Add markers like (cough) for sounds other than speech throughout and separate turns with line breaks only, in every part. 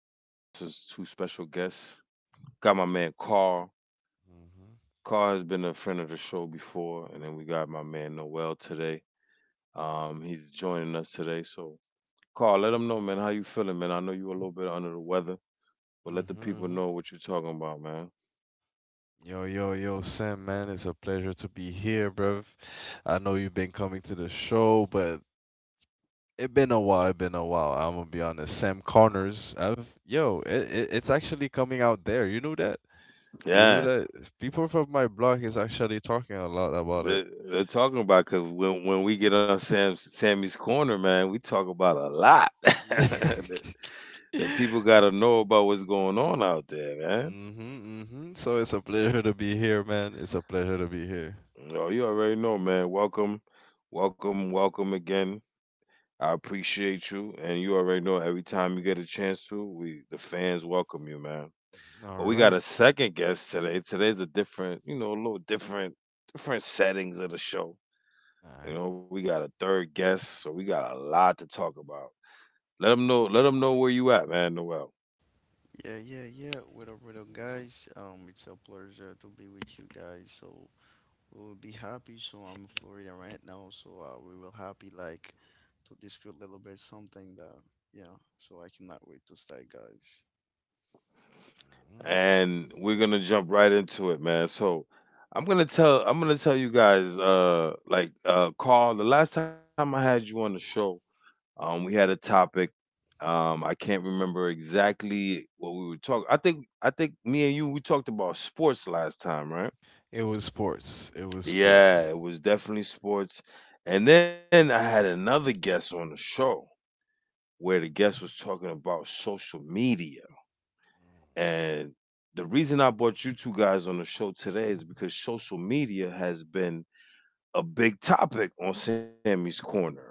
Today we got some two special guests. Got my man Carl.
Mhm.
Carl has been a friend of the show before, and then we got my man Noel today. He's joining us today. So, Carl, let them know, man, how you feeling, man. I know you a little bit under the weather, but let the
Mhm.
people
Mhm.
know what you're talking about, man.
Yo, yo, yo, Sam, man, it's a pleasure to be here, bruv. I know you've been coming to the show, but it been a while. It been a while. I'm gonna be honest. Sam Connors, it, it's actually coming out there. You knew that? You knew
Yeah,
that? People from my block is actually talking a lot about it.
they're talking about because when we get on Sam's Sammy's Corner, man, we talk about a lot. (laughs)
(laughs)
That people gotta know about what's going on out there, man.
Mhm, mhm. So it's a pleasure to be here, man. It's a pleasure to be here.
Oh, you already know, man. Welcome, welcome, welcome again. I appreciate you, and you already know every time you get a chance to, we the fans welcome you, man.
All
But we got
right.
a second guest today. Today's a different, you know, a little different, different settings of the show.
All
You
right.
know, we got a third guest, so we got a lot to talk about. Let them know where you at, man. Noel.
Yeah. What up, guys? It's a pleasure to be with you guys. So we will be happy. So I'm in Florida right now. So we will happy like to discuss a little bit something that yeah. So I cannot wait to start, guys.
And we're gonna jump right into it, man. So I'm gonna tell you guys, Carl. The last time I had you on the show, we had a topic. I can't remember exactly what we were talking. I think me and you we talked about sports last time, right?
It was sports. It was
Yeah,
sports.
it was definitely sports. And then I had another guest on the show, where the guest was talking about social media. And the reason I brought you two guys on the show today is because social media has been a big topic on Sammy's Corner, right?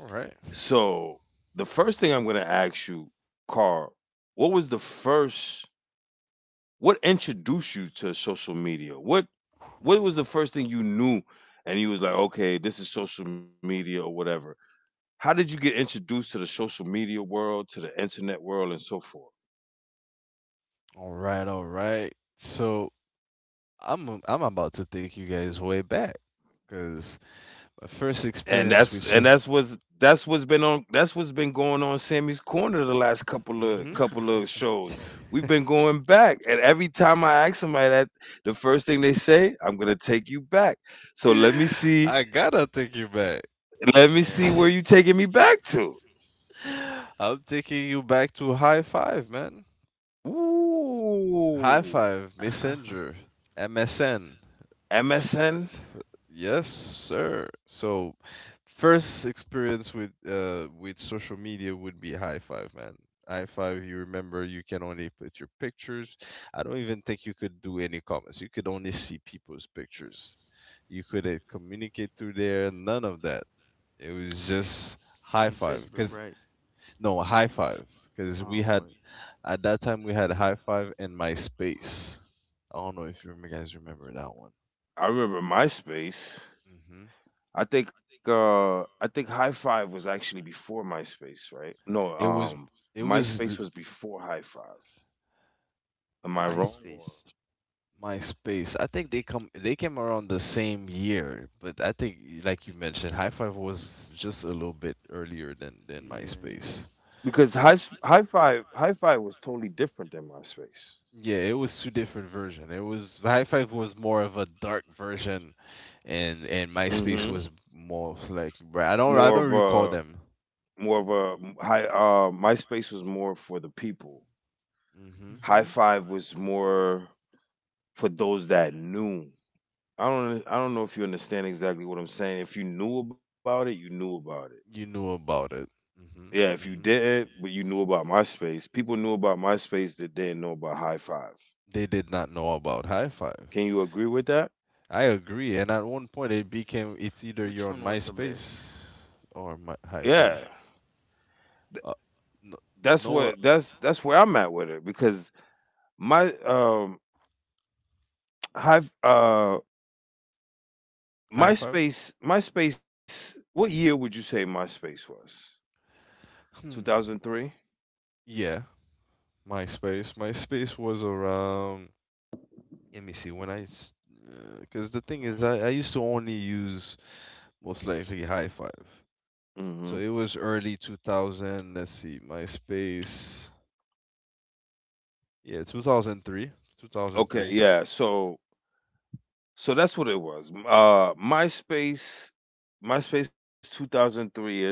All right.
So the first thing I'm going to ask you, Carl, what was the first, what introduced you to social media? What was the first thing you knew and you was like, okay, this is social media or whatever? How did you get introduced to the social media world, to the internet world, and so forth?
All right. All right. So I'm about to take you guys way back because my first
And
experience with
that's and
sh-
that's what's been on that's what's been going on Sammy's Corner the last
Mm-hmm.
couple of shows. We've been going back. And every time I ask somebody that, the first thing they say, I'm gonna take you back. So
(laughs) I gotta take you back.
let me see where you
Yeah.
taking me back to.
(laughs) I'm taking you back to High Five, man. High
Ooh.
Five,
Uh-huh.
Messenger, MSN.
M S N
Yes, sir. So, first experience with social media would be High Five, man. High Five, you remember you can only put your pictures. I don't even think you could do any comments. You could only see people's pictures. You couldn't communicate through there, none of that. It was just High
On
Five
Facebook,
cuz
right?
no, High Five cuz we
Oh,
had at that time we had High Five and MySpace. I don't know if you guys remember that one.
I remember MySpace. I think High Five was actually before MySpace, right?
It
No,
was it was l-
MySpace was before High Five. Am I wrong
MySpace.
or?
MySpace. I think they came around the same year, but I think like you mentioned, High Five was just a little bit earlier than
Yeah, yeah.
MySpace.
Because high five was totally different than MySpace.
Yeah, it was two different versions. It was High Five was more of a dark version, and MySpace
Hmm.
was more of like I
More
don't
of
I don't recall
a
them.
More of a high. MySpace was more for the people.
Hmm.
High
Mhm.
five was more for those that knew. I don't know if you understand exactly what I'm saying. If you knew about it, you knew about it.
You knew about it. Hmm.
Yeah, if you
Hmm.
didn't, but you knew about MySpace. People knew about MySpace that didn't know about High Five.
They did not know about High Five.
Can you agree with that?
I agree. And at one point, it became it's either
Which
you're on
one was the best?
MySpace or High
Yeah,
Five. Uh, no,
that's
no,
what
uh,
that's where I'm at with it because my have
High Five.
MySpace. MySpace, what year would you say MySpace was?
Hmm.
2003?
Yeah, MySpace. MySpace was around. Let me see because the thing is, I used to only use most likely High Five.
Mhm.
So it was early 2000. Let's see, MySpace. Yeah, 2003.
Okay,
2003.
yeah. So so that's what it was. Uh, MySpace. MySpace 2003-ish.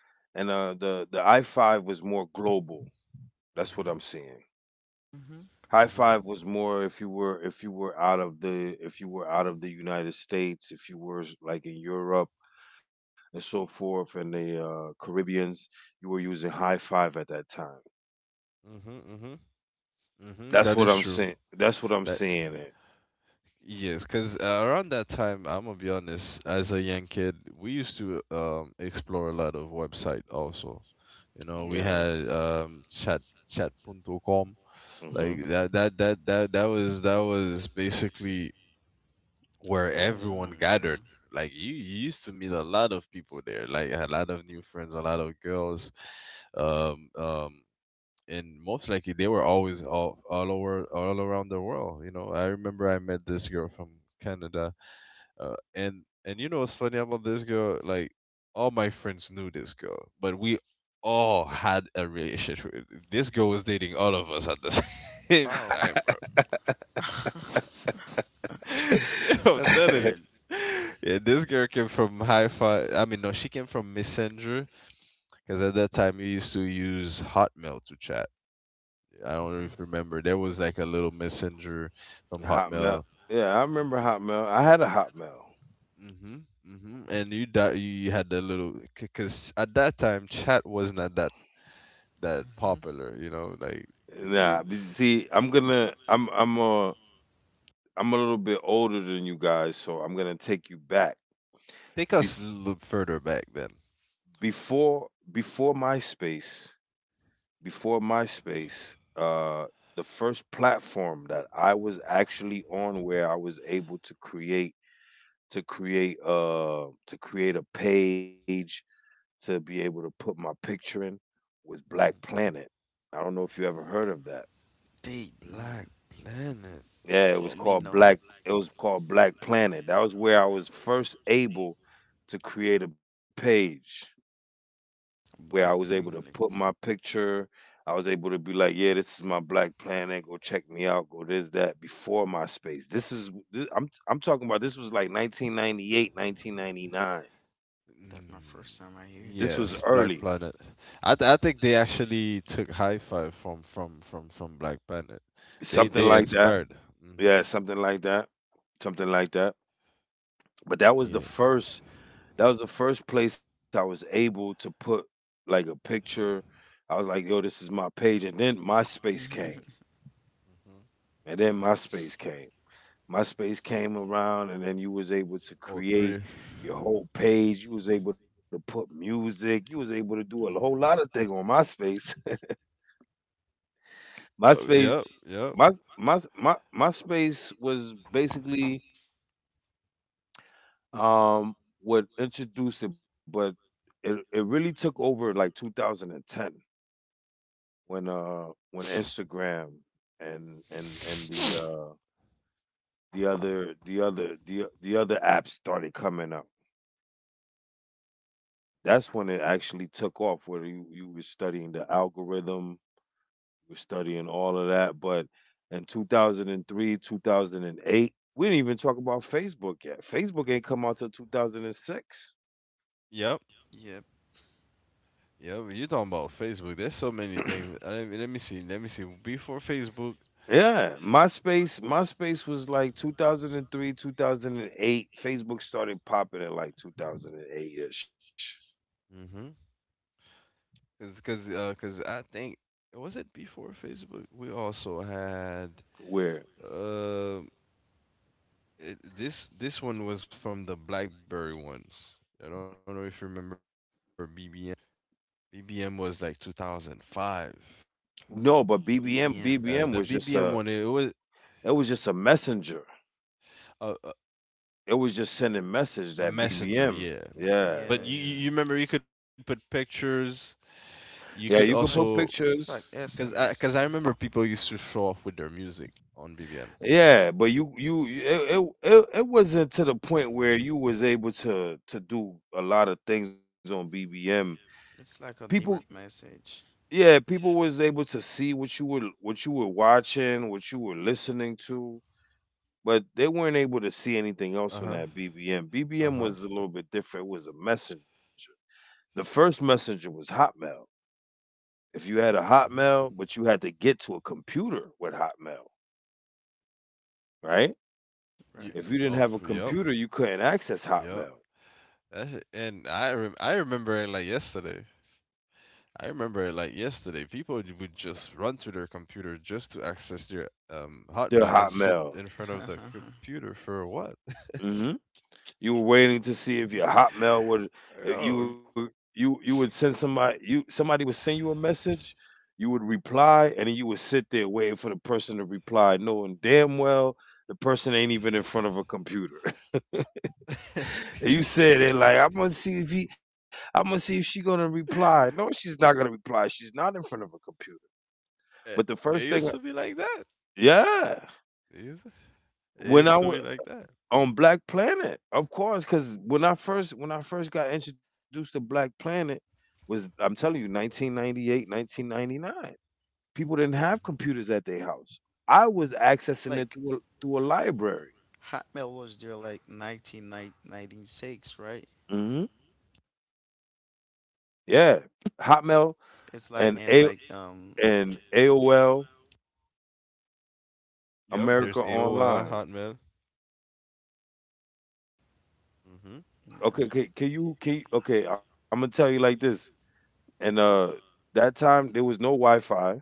And uh, the i5 was more global. That's what
Mhm.
I'm seeing.
hmm
High
Mhm.
5 was more if you were out of the if you were out of the United States, if you were like in Europe and so forth, and the Caribbeans, you were using high five at that time.
Mhm. Mhm. Mhm.
That's
That
what
is
I'm
true.
saying. That's what I'm
That.
saying. It.
Yes, because around that time, I'm gonna be honest, as a young kid, we used to explore a lot of website also. You know, we
Yeah.
Yeah.
had chat punto com,
Hmm.
like that was basically where
World
everyone
one. Yeah.
gathered. Like you used to meet a lot of people there, like I had a lot of new friends, a lot of girls, um, um, and most likely they were always all around the world. You know, I remember I met this girl from Canada, and you know what's funny about this girl? Like all my friends knew this girl, but we all had a relationship. This girl was dating all of us at the (laughs) same
Wow.
time, bro. (laughs) Yeah, I'm
That's
telling it.
red.
Yeah, this girl came from Hi Fi. I mean, no, she came from Messenger because at that time we used to use Hotmail to chat. I don't know if you
hmm
remember. There was like a little messenger from
Hotmail.
Hotmail.
Yeah, I remember Hotmail. I had a Hotmail.
Mm-hmm, mm-hmm. And you had that little because at that time chat wasn't at that
hmm
popular, you know. Like, it,
Nah,
it,
but see, I'm gonna, I'm a little bit older than you guys, so I'm gonna take you back.
take us a
Bef-
little further back then.
before, Before MySpace, before MySpace, uh, the first platform that I was actually on where I was able to create a page to be able to put my picture in was Black
Hmm.
Planet. I don't know if you ever heard of that.
They no.
Black Planet.
Yeah, it was
For me,
called
no.
Black Planet. That was where I was first able to create a page where I was
Black
able to
pain.
put
Like
my picture. I was able to be like, yeah, this is my Black Planet. Go check me out. Go this that before MySpace. I'm talking about. This was like 1998, 1999.
that. My
Mm,
first time I
This
hear
was
that.
yes,
early.
Black Planet. I think they actually took High Five from Black Planet. They
Something
they
like that.
inspired. Mm-hmm.
Yeah, something like that. Something like that. But that was the
Yeah.
first, that was the first place I was able to put like a picture. I was like, yo, this is my page. And then MySpace came.
(laughs)
Mm-hmm.
And then
Mm-hmm.
MySpace came. MySpace came around, and then you was able to
Oh
create
three.
your whole page. You was able to put music. You was able to do a whole lot
yeah.
of things on MySpace. (laughs)
Oh
MySpace.
yep, yep.
my my MySpace was basically um would introduce it, but it really took over in like 2010, when Instagram and the the, other apps started coming up. That's when it actually took off, where you were studying the algorithm, you were studying all of that. But in 2003, 2008, we didn't even talk about Facebook yet. Facebook ain't come out till 2006.
(sniffs) Yep.
Yeah.
Yeah, but you're talking about Facebook. There's so many things. I mean, let me see. Let me see. Before Facebook,
Yeah, MySpace, MySpace was like 2003, 2008. Facebook started popping in like 2008-ish.
mm-hmm. Cause I think, was it before Facebook? We also had
Where
uh, this one was from the BlackBerry ones. I don't know if you remember BBM. BBM was like 2005.
no, but
The BBM
BBM.
one, it
BBM was
was
just a, it was just a
a,
messenger.
a
It
a
was just sending
messenger, yeah.
message that
But you
BBM.
remember, you could put
Yeah.
Yeah. Yeah.
pictures. You could also
Yeah,
cause,
you could
It's
put
I
like
remember people
it's
pictures.
like
used to show off
SMS.
with their
So
music on BBM.
Yeah, but you it, it it
Mm-hmm.
it wasn't to the point where you was able to do a lot of things on BBM.
it's like a
People.
direct message,
Yeah, people was able to see what you were watching, what you were listening to, but they
Uh
weren't
huh.
able to see anything
Uh
else on
huh.
that BBM. BBM was a little bit different. It was a messenger. The first messenger was Hotmail.
Mm-hmm.
If you had a Hotmail, but you had to get to a computer with Hotmail,
Yeah.
right?
Of Yep.
right?
If you didn't have a
Yep.
computer, you couldn't
That's
access
it. And
Hotmail.
I remember it like yesterday. I remember it like yesterday. People would just run to their computer just to access their Hotmail and sit in
Their
front of the
Hotmail.
computer for what?
(laughs)
Hmm. You were waiting to see if your
(laughs)
Hotmail
Yo.
would, if you were- you would send somebody, you somebody would send you a message, you would reply, and then you would sit there waiting for the person to reply, knowing damn well the person ain't even in front of a computer. (laughs)
(laughs)
And you said it like I'm gonna see if she's
it,
gonna reply. No, she's not gonna reply. She's not in front of a computer.
it
But the
used to be
first
like
thing, I,
that.
yeah,
It used, it used to be
when
like
I wa
that.
on Black Planet, of course, because when I first got introduced to Black Planet was, I'm telling you, 1998, 1999. People didn't
Mm-hmm.
have computers at their house. I was accessing it
like
through a, through a library.
Hotmail was there like 1996, right?
Hmm. Yeah, Hotmail
It's
and
like
a
in like
and AOL.
Yep, there's
America
AOL,
Online.
Hotmail. Mm-hmm. (sighs)
Okay, okay? I'm gonna tell you like this. And that time there was no Wi-Fi.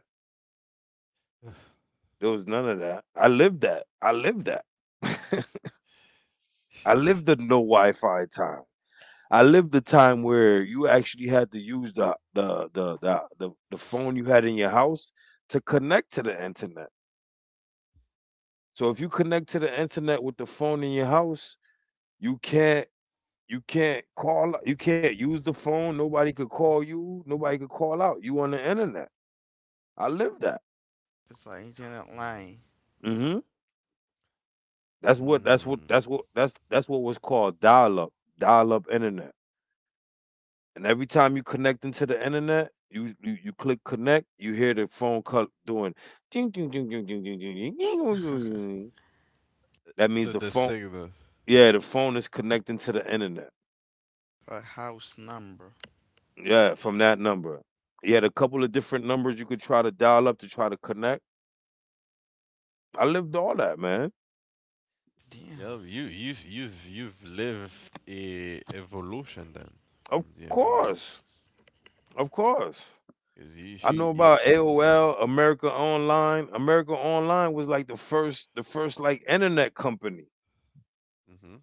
There was none of that. I lived that. I lived that. (laughs) I lived the no Wi-Fi time. I lived the time where you actually had to use the phone you had in your house to connect to the internet. So if you connect to the internet with the phone in your house, you can't, you can't call you can't use the phone. Nobody could call you. Nobody could call out. You on the internet. I lived that.
it's like internet
Mm.
line,
Hmm. That's what
Mm.
that's what was called dial up, dial up internet. And every time you connect into the internet, you click connect, you hear the phone call doing ding ding ding ding ding ding ding ding ding ding ding ding. That means
So
the
the
phone,
signal.
yeah, the phone is connecting to the internet.
a house number.
Yeah, from that number. He had a couple of different numbers you could try to dial up to try to connect. I lived all that, man.
Damn,
Yep, you've lived a evolution then
Of
from the internet.
course. Of course.
Cause
I know
you
about AOL, America Online. America Online was like the first, the first like internet company.
mm-hmm.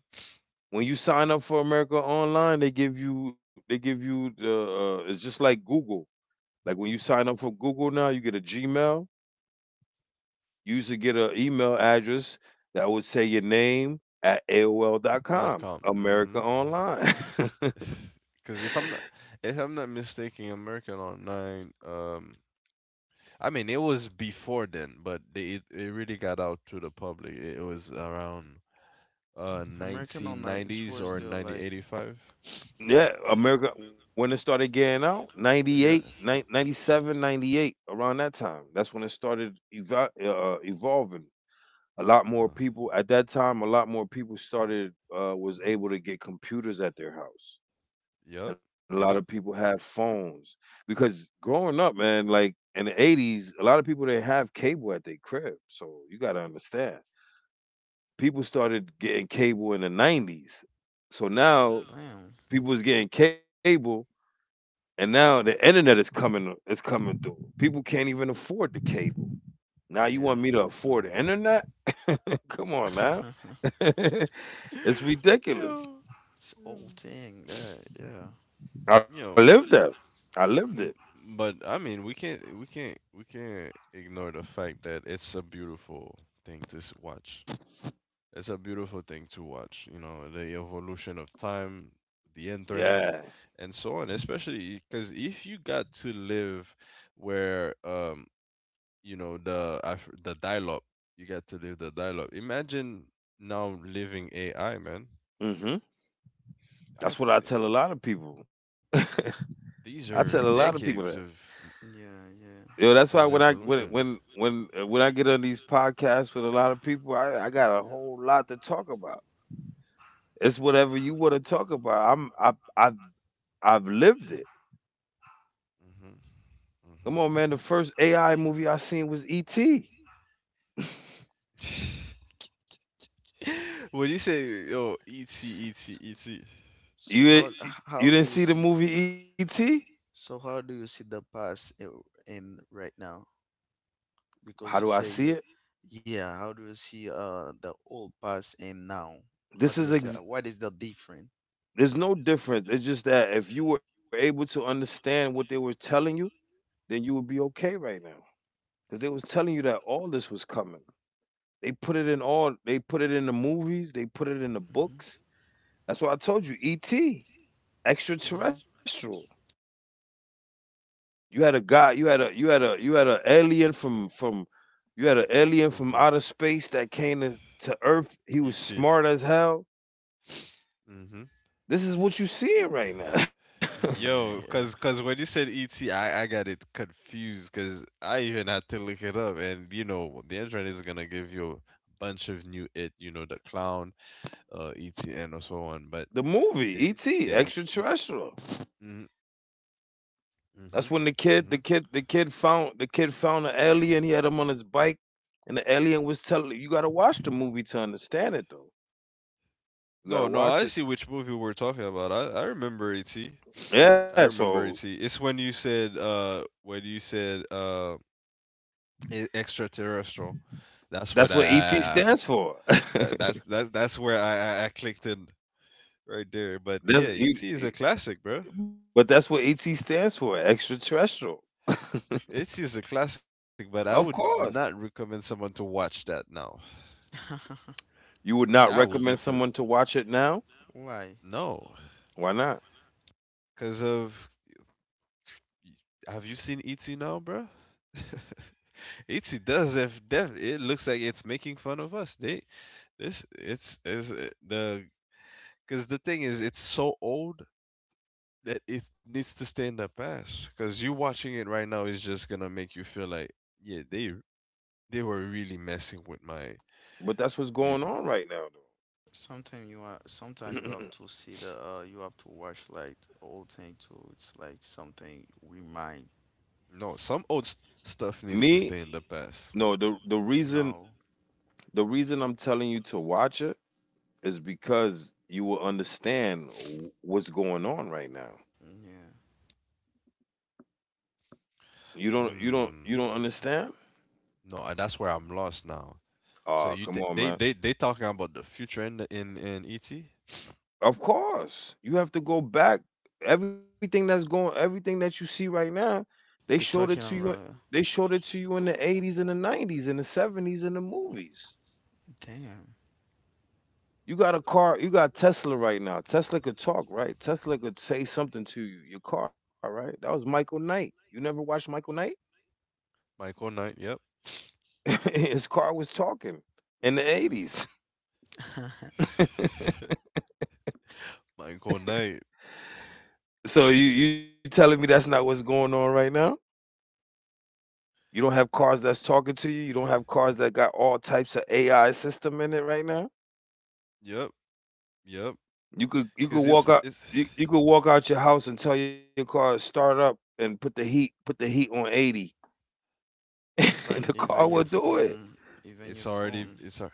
When you sign up for America Online, they give you the it's just like Google. Like when you sign up for Google now, you get a Gmail. You used to get an email address that would say your name at AOL dot
Dot
com.
com. Mm-hmm.
America Online. (laughs)
(sighs) (laughs) Cause if I'm not mistaken, American Online. I mean it was before then, but it really got out to the public. It was around
American Online. It
1990s
was
or
there like,
1985.
Yeah, America. When it started getting out, 98,
Yeah.
97, 98, around that time. That's when it started eva evolving. A lot more
Uh,
people at that time, a lot more people started was able to get computers at their house,
yep.
and a lot of people
Yep.
have phones, because growing up, man, like in the 80s, a lot of people didn't have cable at their crib. So you got to understand, people started getting cable in the 90s. So now
damn.
people was getting cable, and now the internet is coming through. People can't even afford the cable. Now you
Yeah,
want me to
Mm.
afford the internet? (laughs) Come on, man.
yeah.
(laughs) It's
(laughs)
ridiculous.
Yo.
(laughs) it's
Yo.
old thing. Yeah,
I
Yo.
lived that. I lived it.
m- But I mean, we can't ignore the fact that it's a beautiful thing watch. It's a beautiful thing to watch. You know, the evolution of time, the internet,
Yeah.
and so on. Especially because if you got to live where, you know, the dial-up, you got to live the dial-up. Imagine now living AI, man.
Hmm.
I
That's what I tell a lot of people. (laughs) I
These
tell a
are
lot of people that.
decades
yeah.
Yo, that's why
of evolution.
when I get on these podcasts with a lot of people, I got a whole lot to talk about. It's whatever you want to talk about. I I've lived it. Come on,
Hmm.
man. The first AI movie I seen was E.T.
Hmm. (laughs) When you say, oh, etsy, etsy, etsy.
You
So how
you
do
didn't
you
see the
see?
movie E.T.?
So how do you see the past in right now?
How do
because
I
you
see
say
it?
you yeah how do you see the old past and now how
This
do
is
you say
ex-
what is the difference
there's no difference. It's just that if you were able to understand what they were telling you, then you would be okay right now. Because they was telling you that all this was coming. They put it in all. They put it in the movies. They put it in the
hmm
books. That's why I told you E.T.,
hmm
extraterrestrial. You had a guy. You had an alien from, you had an alien from
Hmm.
outer space that came to Earth. He was
Etsy.
smart as hell.
Hmm.
This is what you seeing right now.
yeah
Yo, cause
yeah
cause when you said etsy, I got it confused, cause I even had to look it up, and you know the internet is gonna give you a bunch of new it, you know, the clown, etsy, and so on, but
(laughs) The movie
yeah,
ET, extraterrestrial.
mm-hmm, mm-hmm.
That's when the kid the kid the kid found an alien. He had him on his bike, and the alien was telling, you got to watch the movie to understand it though. You got
No,
to
no,
watch
I
it.
see which movie we're talking about. I remember E.T.
Yeah,
I
so
remember E.T. It's when you said extraterrestrial. That's
that's
when
what ET
I
stands for.
that's where I clicked in right there. But
(laughs)
yeah,
That's
E.T. is
you.
a classic, bro.
But that's what ET stands for, extraterrestrial. (laughs)
E.T. is a classic, but I would
Of
not
course.
recommend someone to watch that now.
You would
I
not
would
recommend
never
someone to watch it now?
why
no,
Why not?
cause of, have you seen E.T. now, bro? (laughs) Itzy does if def, it looks like it's making fun of us. They this it's is the, because the thing is it's so old that it needs to stay in the past. Because you watching it right now is just gonna make you feel like, yeah, they were really messing with my,
But that's what's
you,
going on right now
sometimes you are sometimes you have
though.
to see the you have to watch like old thing too it's like something we might
no, some old
(clears throat)
stuff needs to
Me,
stay in the past.
no, the the reason
know
the reason I'm telling you to watch it is because you will understand what's going on right now.
yeah
You don't you don't
Mm,
you don't understand?
no, that's where I'm lost now. So
Oh,
you
come on, man.
they talking about the future in in E.T.
Of course. You have to go back. Everything that you see right now, they showed
they
it to
talking
you
about
they showed it to you in the 80s and the 90s and the 70s in the movies.
damn
You got a car, you got Tesla right now. Tesla could talk, right? Tesla could say something to you, your car, right? That was Michael Knight. You never watched Michael Knight?
Michael Knight. Yep.
(laughs) His car was talking in the 80s. (laughs)
(laughs) Michael Knight.
So you telling me that's not what's going on right now? You don't have
Uh,
cars that's talking to you. You don't have cars that got all types of AI system in it right now.
yep, yep.
You could you could
Because
walk out you could walk out your house and tell your car to start up and put the heat on 80 (laughs) and
(laughs)
the
like
car will do it.
even
it's
your
already,
phone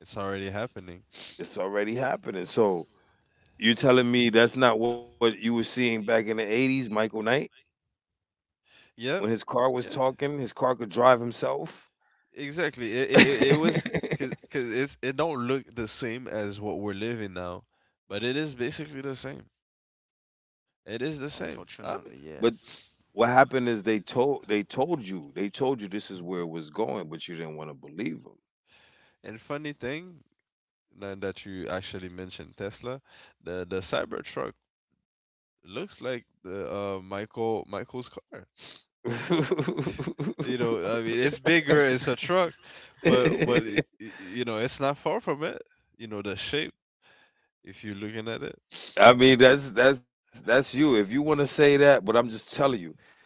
it's already happening.
It's already happening. So you're telling me that's not what you were seeing back in the 80s, Michael Knight, when
Yep,
his car was
yeah,
talking, his car could drive himself.
exactly.
(laughs)
It
damn (laughs)
was because cause it's it don't look the same as what we're living now, but it is basically the same. It is the same. I mean,
But
Unfortunately, yes.
what happened is they told you this is where it was going, but you didn't want to believe them.
and funny thing, now that you actually mentioned Tesla, the Cybertruck looks like the Michael's car. (laughs) You know, I mean, it's bigger, it's a truck, but
(laughs)
you know, it's not far from it. You know, the shape, if you're looking at it.
I mean, that's you. If you want to say that, but I'm just telling you,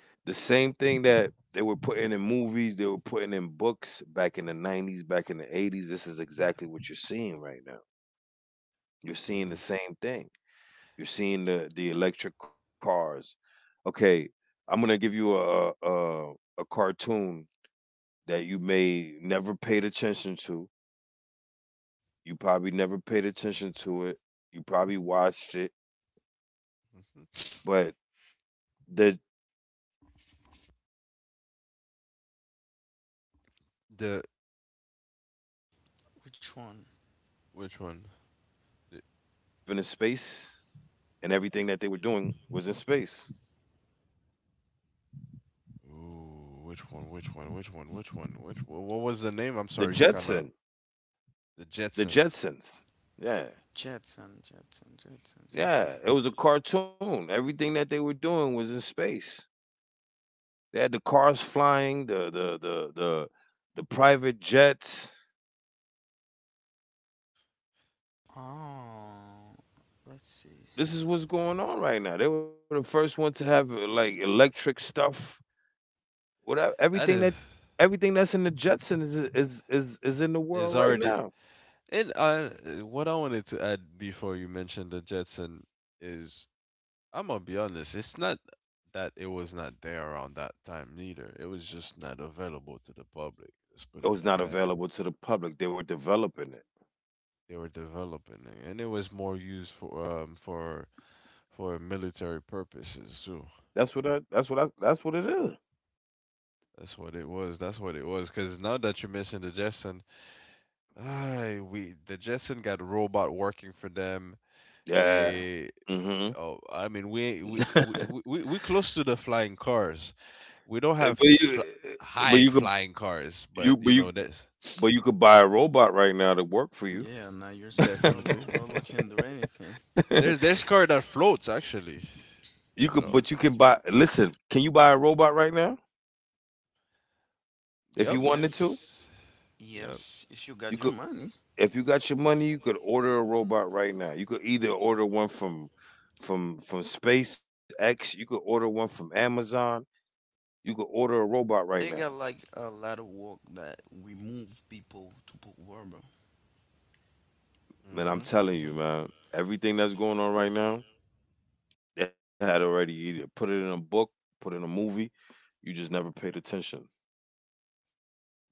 the same thing that they were putting in movies, they were putting in books back in the 90s, back in the 80s. This is exactly what you're seeing right now. You're seeing the
Hmm.
same thing. You're seeing the electric cars. Okay, I'm gonna give you a cartoon that you may never paid attention to. You probably never paid attention to it. You probably watched it,
Hmm.
but the the Jetsons. You ever heard of that cartoon, The Jetsons,
The
where they were
Which one?
living in space
Which one?
and
The,
everything that they were doing was in space?
Ooh, which one? Which one? Which one? Which one? Which
The
what was the
Jetson,
name? I'm sorry, you kind of,
The
the
Jetsons.
Jetson.
Yeah.
Jetson, Jetson, Jetson,
Yeah, it
Jetson.
was a cartoon. Everything that they were doing was in space. They had the cars flying, the private jets.
Oh, let's see.
This is what's going on right now. They were the first one to have, like, electric stuff. Whatever,
That
everything that's in the Jetson is in the world
is
right
already.
now.
And what I wanted to add before you mentioned the Jetson is, I'm gonna be honest, it's not that it was not there around that time neither. It was just not available to the public. Let's
It
put
was
it
not
like that.
available to the public. They were developing it.
They were developing it, and it was more used for for military purposes too.
That's what I. That's what I. That's what it is.
That's what it was. That's what it was. Cause now that you mentioned the Jetson, ah, we the Jetson got robot working for them.
Yeah.
They,
Mm-hmm.
oh, I mean, we close to the flying cars. We don't have
Eh, but you
high
could
flying cars,
you
but
but
you
you
know that's
but you could buy a robot right now to work for you.
Yeah, now you're
(laughs)
saying Robo,
definitely,
Robo can do anything.
there's car that floats actually.
you could, but
You
you
know.
can buy. Listen, can you buy a robot right now if you
Yep.
wanted to?
Yes,
Yep.
yes. If you got
You
your
could.
money,
If you got your money, you could order a robot right now. You could either order one from SpaceX, you could order one from Amazon, you could order a robot right
they got
now.
like a lot of work that remove people to put Robo.
Man, I'm
Mhm.
telling you,
Mhm.
man, everything that's going on right now, they had already either put it in a book, put it in a movie. You just never paid attention.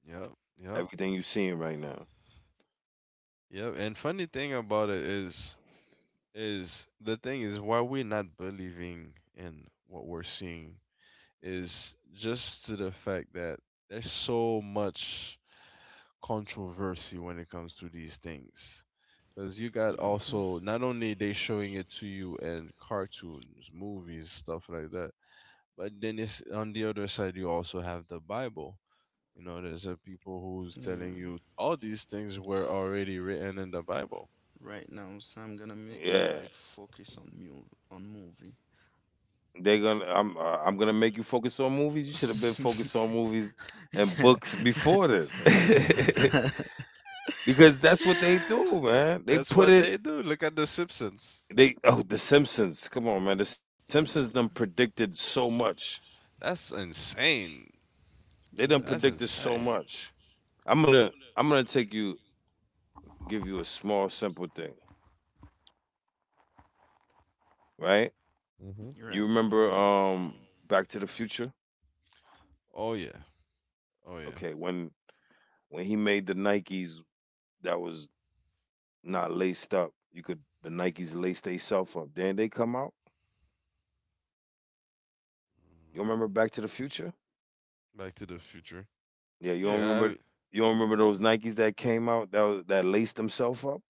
Yep. Yep.
Everything you seeing right now,
Yep. And funny thing about it is, the thing is, why we're not believing in what we're seeing is just to the fact that there's so much controversy when it comes to these things. Because you got
Hmm
also, not only they showing it to you in cartoons, movies, stuff like that, but then it's on the other side, you also have the Bible. You know, there's a people who's
Yeah.
telling you all these things were already written in the Bible.
Right now, Sam gonna make me like
yeah,
focus on mu on movie.
they're gonna. I'm gonna make you focus on movies. You should have been focused on
(laughs)
movies and books before then. (laughs) Because that's what they do,
(laughs)
man. They
That's
put
what
it
they do. Look at the Simpsons.
they Oh, The Simpsons. Come on, man. The Simpsons done predicted so much.
That's insane.
They done
Damn.
That's
predicted so
insane.
much. I'm gonna take you give you a small simple thing, right?
Hmm.
You're
You
right. You're
remember
right.
Back to the Future?
Oh yeah. Oh yeah.
Okay, when he made the Nikes that was not laced up, you could, the Nikes lace theyself up. Then they come out. You don't remember Back to the Future?
Back to the future.
Yeah,
Yeah, I mean,
you don't remember those Nikes that came out that was, that laced themselves up?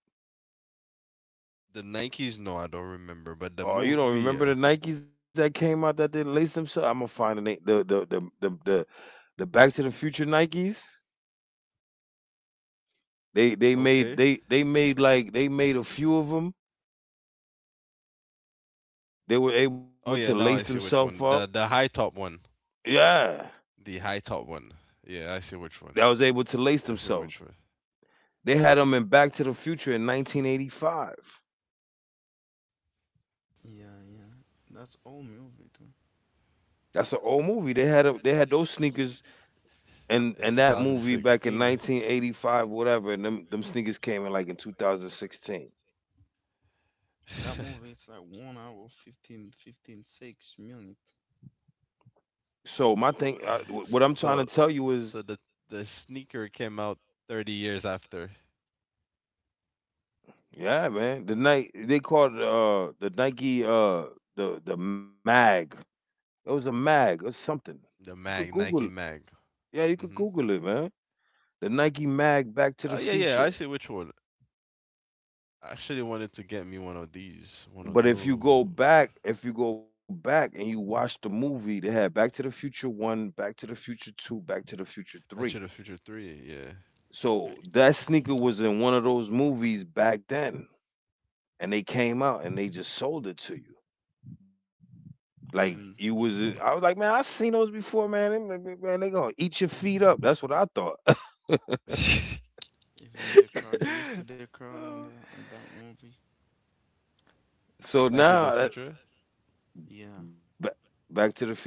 the Nikes? No, I don't remember. But the
Oh, you
movie,
don't
yeah.
remember the Nikes that came out that didn't lace themselves? I'm gonna find the name. The Back to the Future Nikes. They they
Okay.
made they they made like they made a few of them. They
Oh
were
yeah,
able
now I
to
see
lace
which one.
themselves up.
The high top one.
Yeah,
The high top one. Yeah, I see which one.
that was able to
I
lace
see which one.
themselves. They had them in Back to the Future in 1985.
Yeah, yeah. That's all movie too.
That's an old movie. They had a, they had those sneakers
In
and that movie back in
2016.
1985, whatever. And them sneakers came in like in 2016.
(laughs) S-
That movie is like 1 hour 15, 15 6 15, minutes.
So my
so
thing,
so
what I'm trying to
the
tell you
sneaker
is,
came out 30 years after
yeah, man. They called the Nike the mag. It was a mag or
the
something.
mag,
You
Nike
could
mag.
Google.
Mhm.
Yeah, you could Google it, man. The Nike
Oh
mag
yeah,
Back to
yeah,
the
I see which
Future.
one. I actually wanted to get me one of these, one of
But if
those.
you go back, if you go back and you watch the movie, they had Back to the Future One, Back to the Future Two, Back to the Future
Back to the
Three.
Future 3,
Yeah,
So that sneaker was in one of those movies back then, and they came out and they just sold it to you. Like you
even
was, I was like, man, I seen those before, man. They- Man, they gonna eat your feet up. That's what I thought.
even the car. Do you see
yeah.
the
(laughs)
car on the
Oh,
on that movie?
(laughs) So
Back in the
now,
future?
Yeah,
ba- Back to the Future,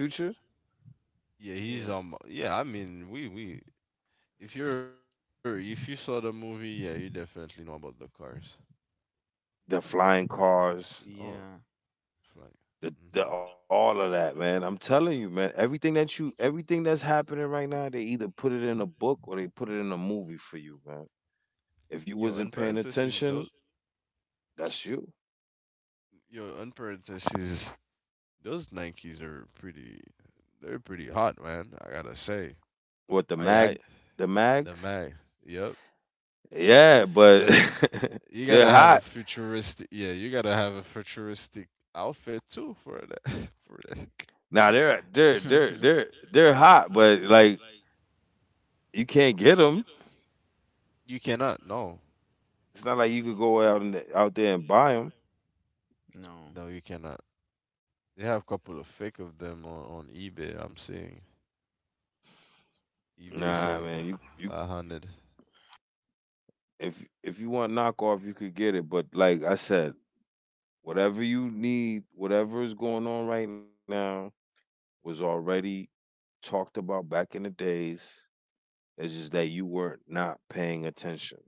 Yeah, he's.
yeah,
Yeah, I mean, we. If you're if you saw the movie, yeah, you definitely know about the cars.
the flying
Definitely.
cars,
Oh,
yeah.
flag. Mhm.
the all of that, man. I'm telling you, man. Everything that's happening right now, they either put it in a book or they put it in a movie for you, man. If you
Yo,
wasn't
in
paying
parentheses,
attention,
those
that's you.
Yo, in parentheses, those Nikes are pretty. They're pretty hot, man. I gotta say.
What, the mag,
I
the
The
mags?
mag. Yep.
Yeah, but
But
(laughs)
you gotta
they're
have a
high.
futuristic. Yeah, you gotta have a futuristic outfit too for that. (laughs) For
Now they're
that.
they're they're they're
(laughs)
they're hot, but like you can't get them.
You cannot. No.
It's not like you could go out and out there and buy them.
no.
No, you cannot. They have a couple of fake of them on eBay. I'm seeing eBay
Nah,
selling
man. You
100.
If you want knockoff, you could get it. But like I said, whatever you need, whatever is going on right now, was already talked about back in the days. It's just that you were not paying attention.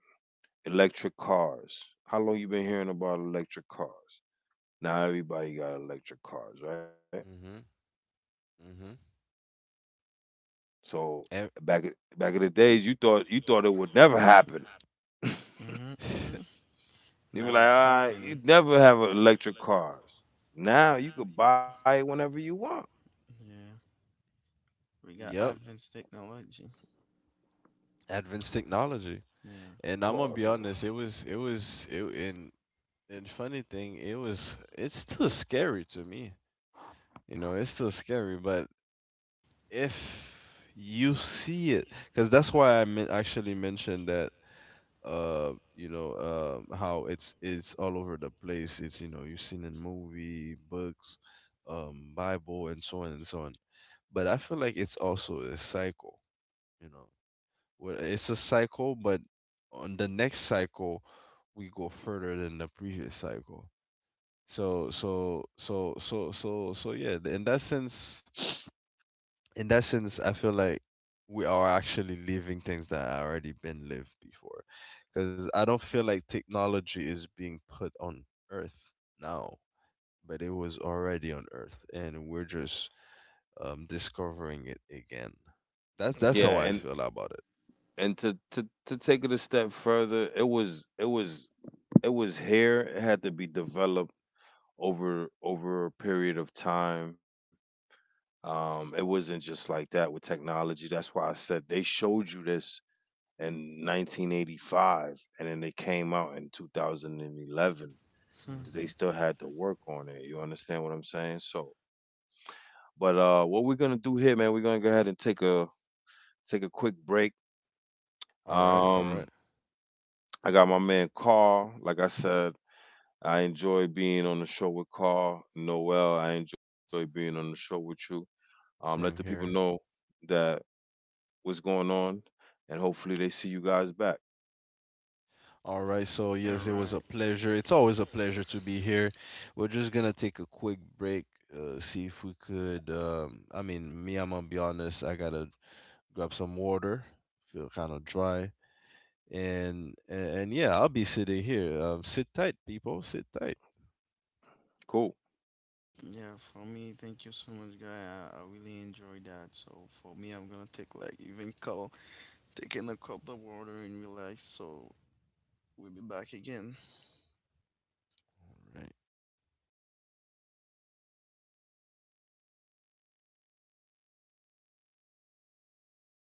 Electric cars. How long you been hearing about electric cars? Now everybody got electric cars, right?
Mm-hmm. Mm-hmm.
So
Ev-
back back in the days, you thought it would never happen. (laughs) You
Mhm.
(laughs)
be like,
Now it's
ah,
happening.
you'd never have electric cars. Now you could buy it whenever you want,
Yeah, we got
yep.
advanced technology.
Advanced technology.
Yeah.
of
And I'm gonna be
course.
honest, it was it and funny thing, it's still scary to me. You know, it's still scary, but if you see it, because that's why actually mentioned that, you know, how it's all over the place, it's, you know, you've seen in movie, books, bible, and so on and so on. But I feel like it's also a cycle, you know, where it's a cycle, but on the next cycle we go further than the previous cycle. So yeah, in that sense, I feel like we are actually living things that have already been lived before. Because I don't feel like technology is being put on Earth now, but it was already on Earth, and we're just discovering it again. That's
Yeah,
how I
and
feel about it.
to take it a step further, it was here. It had to be developed over a period of time. It wasn't just like that with technology. That's why I said they showed you this in 1985, and then they came out in 2011. They
(laughs)
Hmm.
still had to work on it. You understand what I'm saying? So, but what we're gonna do here, man, we're gonna go ahead and take a quick break.
All right, all right.
Um, I got my man Carl. Like I said, I enjoy being on the show with Carl Noel. I enjoy being
S-
on the show with you. Let the
Same
people
here.
know that what's going on, and hopefully they see you guys back.
All right, so yes, it
All
was a
right.
pleasure. It's always a pleasure to be here. We're just gonna take a quick break, see if we could. I mean, me, I'm gonna be honest. I gotta grab some water. Feel kind of dry, and yeah, I'll be sitting here. Sit tight, people. Sit tight.
Cool.
Yeah, for me, thank you so much, guy. I really enjoyed that. So for me, I'm gonna take like even call taking a cup of water and relax. So we'll be back again.
All right.